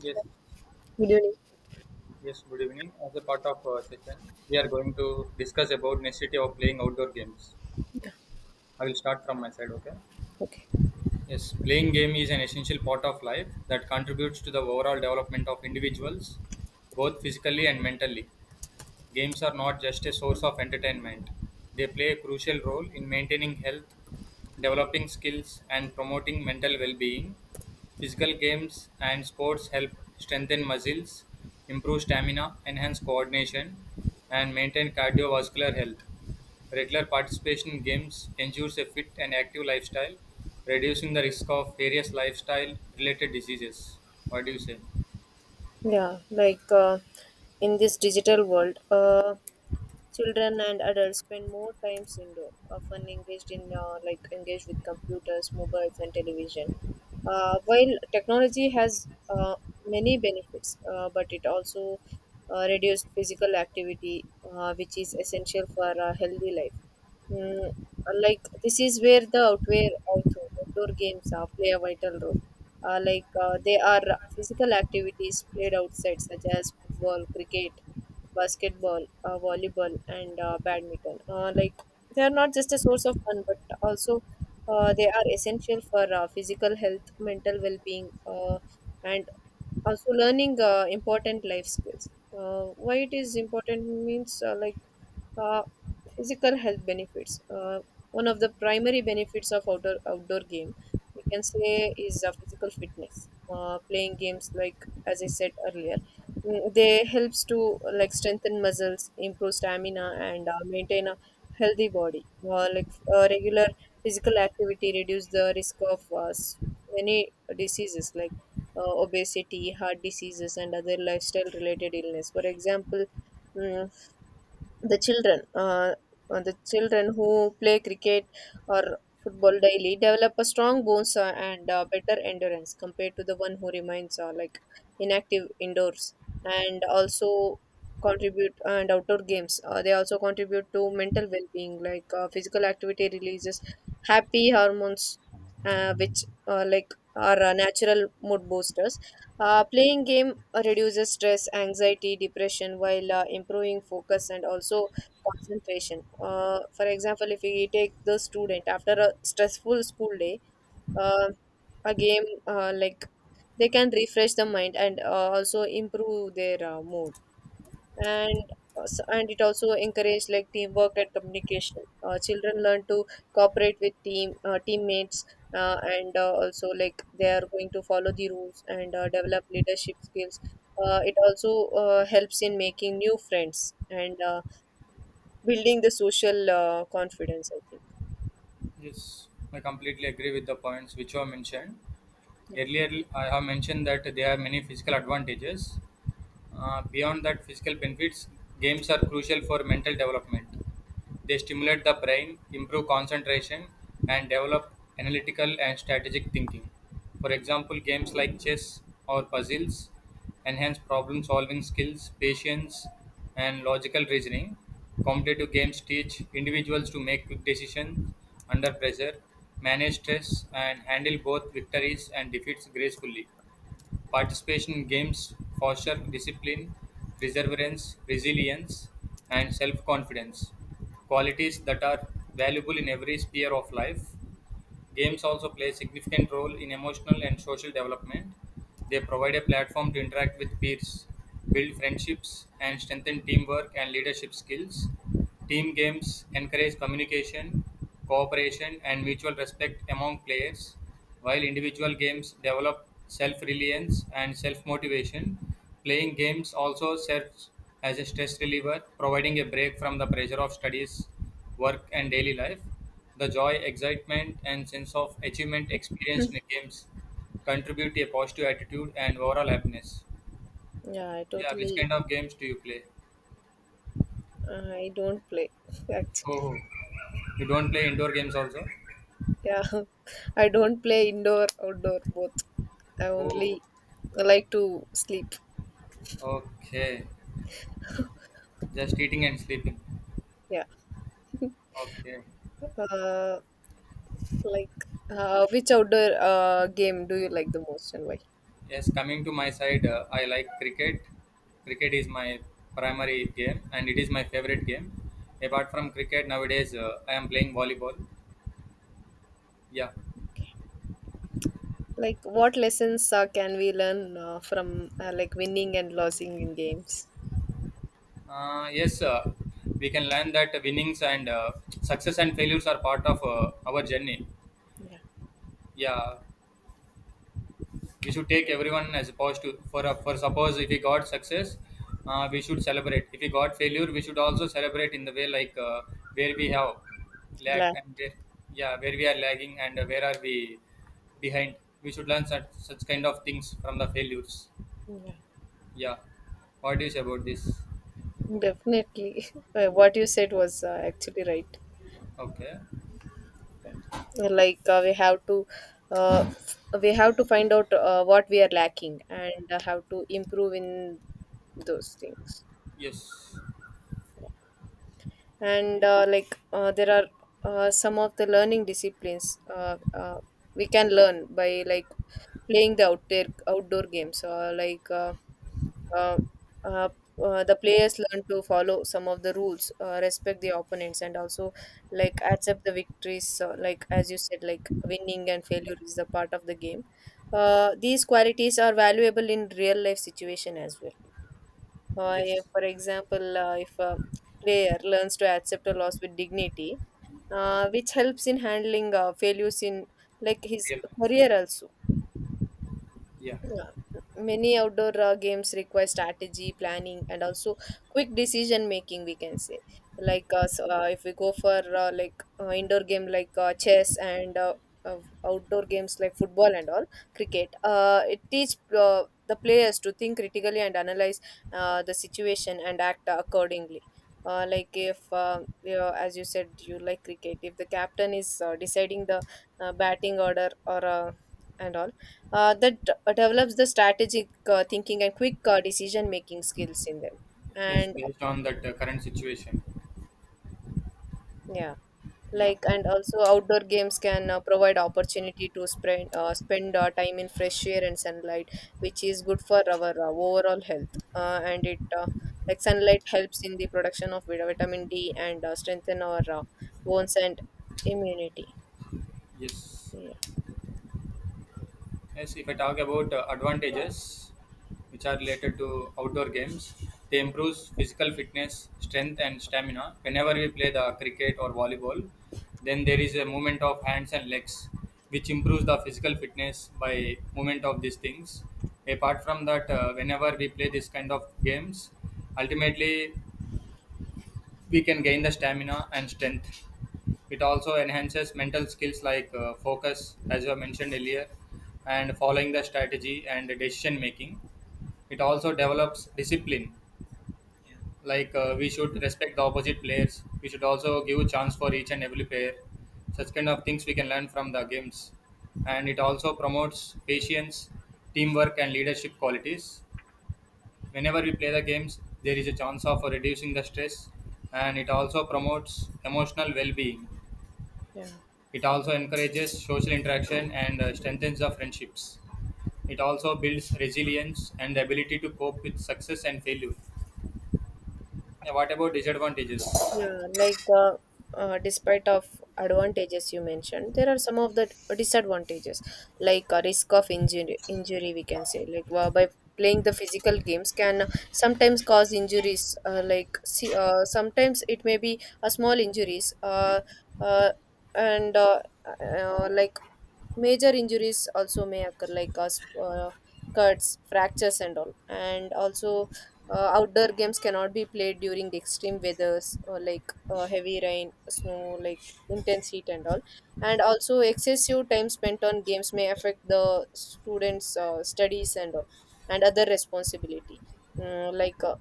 Yes, Video link. yes, good evening. As a part of our session, we are going to discuss about necessity of playing outdoor games. Yeah, I will start from my side, okay? okay. Yes, playing game is an essential part of life that contributes to the overall development of individuals, both physically and mentally. Games are not just a source of entertainment, they play a crucial role in maintaining health, developing skills, and promoting mental well being. Physical games and sports help strengthen muscles, improve stamina, enhance coordination, and maintain cardiovascular health. Regular participation in games ensures a fit and active lifestyle, reducing the risk of various lifestyle related diseases. What do you say? Yeah, like in this digital world, children and adults spend more times indoor, often engaged in engaged with computers, mobiles, and television. While technology has many benefits, but it also reduced physical activity, which is essential for a healthy life. Mm, this is where the outdoor games play a vital role. They are physical activities played outside, such as football, cricket, basketball, volleyball, and badminton. They are not just a source of fun, but also they are essential for physical health, mental well-being, and also learning important life skills. Why it is important means uh, physical health benefits. One of the primary benefits of outdoor game we can say is physical fitness. Playing games, like as I said earlier, they helps to like strengthen muscles, improve stamina, and maintain a healthy body. Regular physical activity reduce the risk of many diseases like obesity, heart diseases, and other lifestyle related illness. For example, mm, the children who play cricket or football daily develop a strong bones and better endurance compared to the one who remains inactive indoors, and also contribute and outdoor games, they also contribute to mental well-being. Like physical activity releases happy hormones, which like are natural mood boosters. Playing game reduces stress, anxiety, depression while improving focus and also concentration. For example, if we take the student after a stressful school day, uh, a game, they can refresh the mind and also improve their mood, and it also encouraged like teamwork and communication. Uh, children learn to cooperate with teammates, and also like they are going to follow the rules and develop leadership skills. Uh, it also helps in making new friends and building the social confidence, I think. Yes, I completely agree with the points which you have mentioned. Earlier, I have mentioned that there are many physical advantages. Beyond that physical benefits, games are crucial for mental development. They stimulate the brain, improve concentration, and develop analytical and strategic thinking. For example, games like chess or puzzles enhance problem solving skills, patience, and logical reasoning. Competitive games teach individuals to make quick decisions under pressure, manage stress, and handle both victories and defeats gracefully. Participation in games foster discipline, perseverance, resilience, and self confidence, qualities that are valuable in every sphere of life. Games also play a significant role in emotional and social development. They provide a platform to interact with peers, build friendships, and strengthen teamwork and leadership skills. Team games encourage communication, cooperation, and mutual respect among players, while individual games develop self reliance and self motivation. Playing games also serves as a stress reliever, providing a break from the pressure of studies, work, and daily life. The joy, excitement, and sense of achievement Yeah. experienced in games contribute to a positive attitude and overall happiness. Yeah, I Yeah, which totally. kind of games do you play? I don't play actually. Oh, you don't play indoor games also? Yeah, I don't play indoor, outdoor, both. I Oh, only like to sleep. okay. Just eating and sleeping. Yeah. Okay. Uh, like, which outdoor game do you like the most and why? Yes, coming to my side, I like cricket. Cricket is my primary game and it is my favorite game. Yeah. Apart from cricket, nowadays I am playing volleyball. Yeah. Like, what lessons can we learn from like winning and losing in games? Yes, we can learn that winnings and success and failures are part of our journey. Yeah. Yeah, we should take everyone as opposed to. For suppose if we got success, we should celebrate. If we got failure, we should also celebrate in the way, like where we have lag Glad. and where, yeah, where we are lagging and where are we behind. We should learn such kind of things from the failures. Yeah. Yeah, what do you say about this? Definitely. What you said was actually right. Okay. We have to uh, we have to find out what we are lacking and how to improve in those things, Yes. and there are some of the learning disciplines we can learn by like playing the outdoor games. Uh, uh, the players learn to follow some of the rules, respect the opponents, and also like accept the victories. Like as you said, like winning and failure is the part of the game. These qualities are valuable in real life situation as well. If, Yes. for example, if a player learns to accept a loss with dignity, which helps in handling failures in like his Real life. career also. Yeah, Yeah. Many outdoor games require strategy, planning, and also quick decision making, we can say. If we go for indoor game like chess, and uh, outdoor games like football and all, cricket, it teach the players to think critically and analyze the situation and act accordingly. If as you said, you like cricket, if the captain is deciding the batting order or and all, develops the strategic thinking and quick decision making skills in them, yes, and based on that current situation. yeah, Yeah, like and also outdoor games can provide opportunity to spend time in fresh air and sunlight, which is good for our overall health. And it like Sunlight helps in the production of vitamin D and strengthen our bones and immunity. yes. Yeah. Yes, if I talk about advantages which are related to outdoor games, they improves physical fitness, strength, and stamina. Whenever we play the cricket or volleyball, then there is a movement of hands and legs which improves the physical fitness by movement of these things. Apart from that, whenever we play this kind of games, ultimately we can gain the stamina and strength. It also enhances mental skills like focus, as you mentioned earlier, and following the strategy and decision making. It also develops discipline, like we should respect the opposite players. We should also give a chance for each and every player. Such kind of things we can learn from the games, and it also promotes patience, teamwork, and leadership qualities. Whenever we play the games there is a chance of reducing the stress, and it also promotes emotional well-being. Yeah. It also encourages social interaction and strengthens the friendships. It also builds resilience and the ability to cope with success and failure. Yeah, what about disadvantages? Yeah, like despite of advantages you mentioned, there are some of the disadvantages, like a risk of injury. Injury, we can say, like by playing the physical games, can sometimes cause injuries. Sometimes it may be a small injuries. Uh, and like Major injuries also may occur like us cuts, fractures and all. And also outdoor games cannot be played during the extreme weathers, or like heavy rain, snow, like intense heat and all. And also excessive time spent on games may affect the students studies and all and other responsibility. Mm, like uh,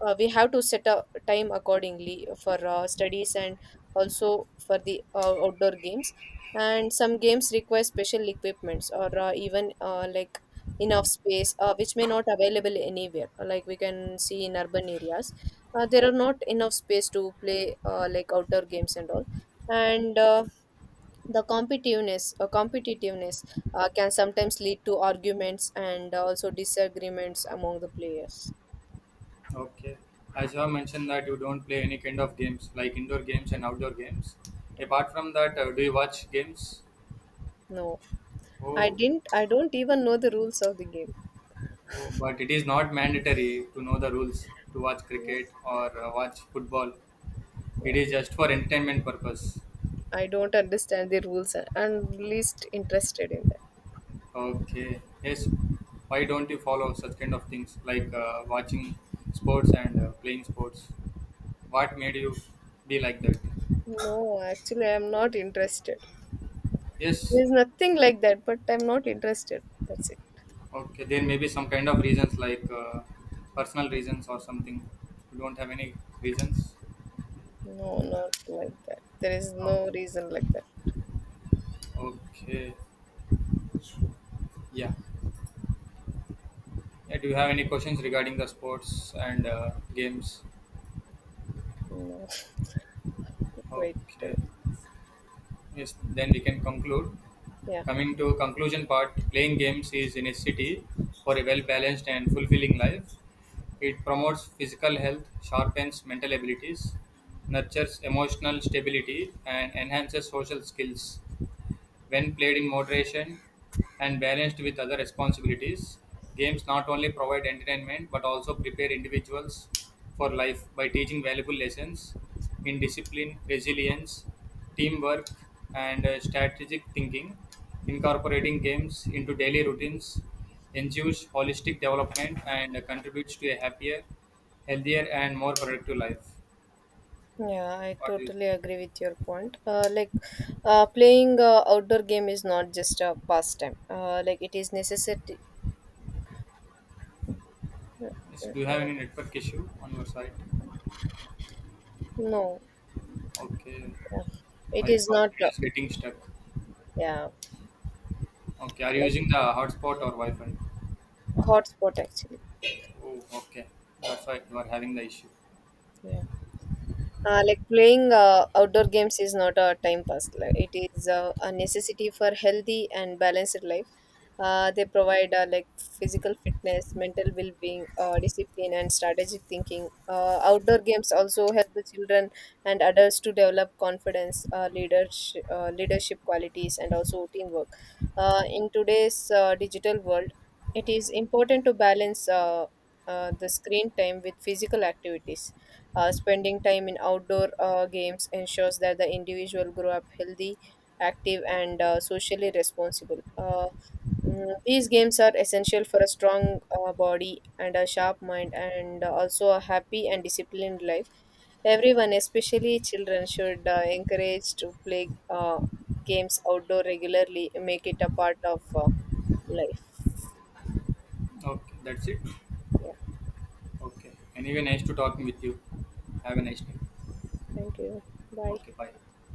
we have to set a time accordingly for studies and also for the outdoor games. And some games require special equipments or even like enough space which may not available anywhere, like we can see in urban areas. Uh, there are not enough space to play outdoor games and all. And the competitiveness competitiveness can sometimes lead to arguments and also disagreements among the players. Okay, as you have mentioned that you don't play any kind of games like indoor games and outdoor games, Yeah. apart from that do you watch games? No, I Oh. didn't. I don't even know the rules of the game. Oh, but it is not mandatory to know the rules to watch cricket or watch football. It Yeah, is just for entertainment purpose. I don't understand the rules and I'm least interested in that. Okay. Yes. Why don't you follow such kind of things like watching sports and playing sports? What made you be like that? No, actually, I'm not interested. Yes. There's nothing like that, but I'm not interested. That's it. Okay. There may be some kind of reasons like personal reasons or something. You don't have any reasons. No, not like that. There is Oh, no reason like that. okay. Yeah. Yeah, do you have any questions regarding the sports and games? No. Wait. uh, Okay. Yes, then we can conclude. Yeah. Coming to conclusion part, playing games is in a city for a well balanced and fulfilling life. It promotes physical health, sharpens mental abilities, nurtures emotional stability, and enhances social skills. When played in moderation and balanced with other responsibilities, games not only provide entertainment but also prepare individuals for life by teaching valuable lessons in discipline, resilience, teamwork, and strategic thinking. Incorporating games into daily routines ensures holistic development and contributes to a happier, healthier, and more productive life. Yeah, I What do you totally say? agree with your point. Playing outdoor game is not just a pastime. Like, it is necessity. Yes, do you have any network issue on your side? No, Okay. yeah. It Why? is Because not, it is getting stuck. yeah, Okay, are you like using the hotspot or Wi-Fi? hotspot actually. Oh, okay. That's why you are having the issue. Yeah. Playing outdoor games is not a time pass. Like, it is a necessity for healthy and balanced life. They provide physical fitness, mental well-being, discipline, and strategic thinking. Outdoor games also help the children and adults to develop confidence, leadership qualities, and also teamwork. In today's digital world, it is important to balance the screen time with physical activities. Spending time in outdoor games ensures that the individual grow up healthy, active, and socially responsible. These games are essential for a strong body and a sharp mind, and also a happy and disciplined life. Everyone, especially children, should encourage to play games outdoor regularly. Make it a part of life. Okay, that's it. Yeah. Okay. Anyway, nice to talking with you. Have a nice day. Thank you. Bye. Okay, bye.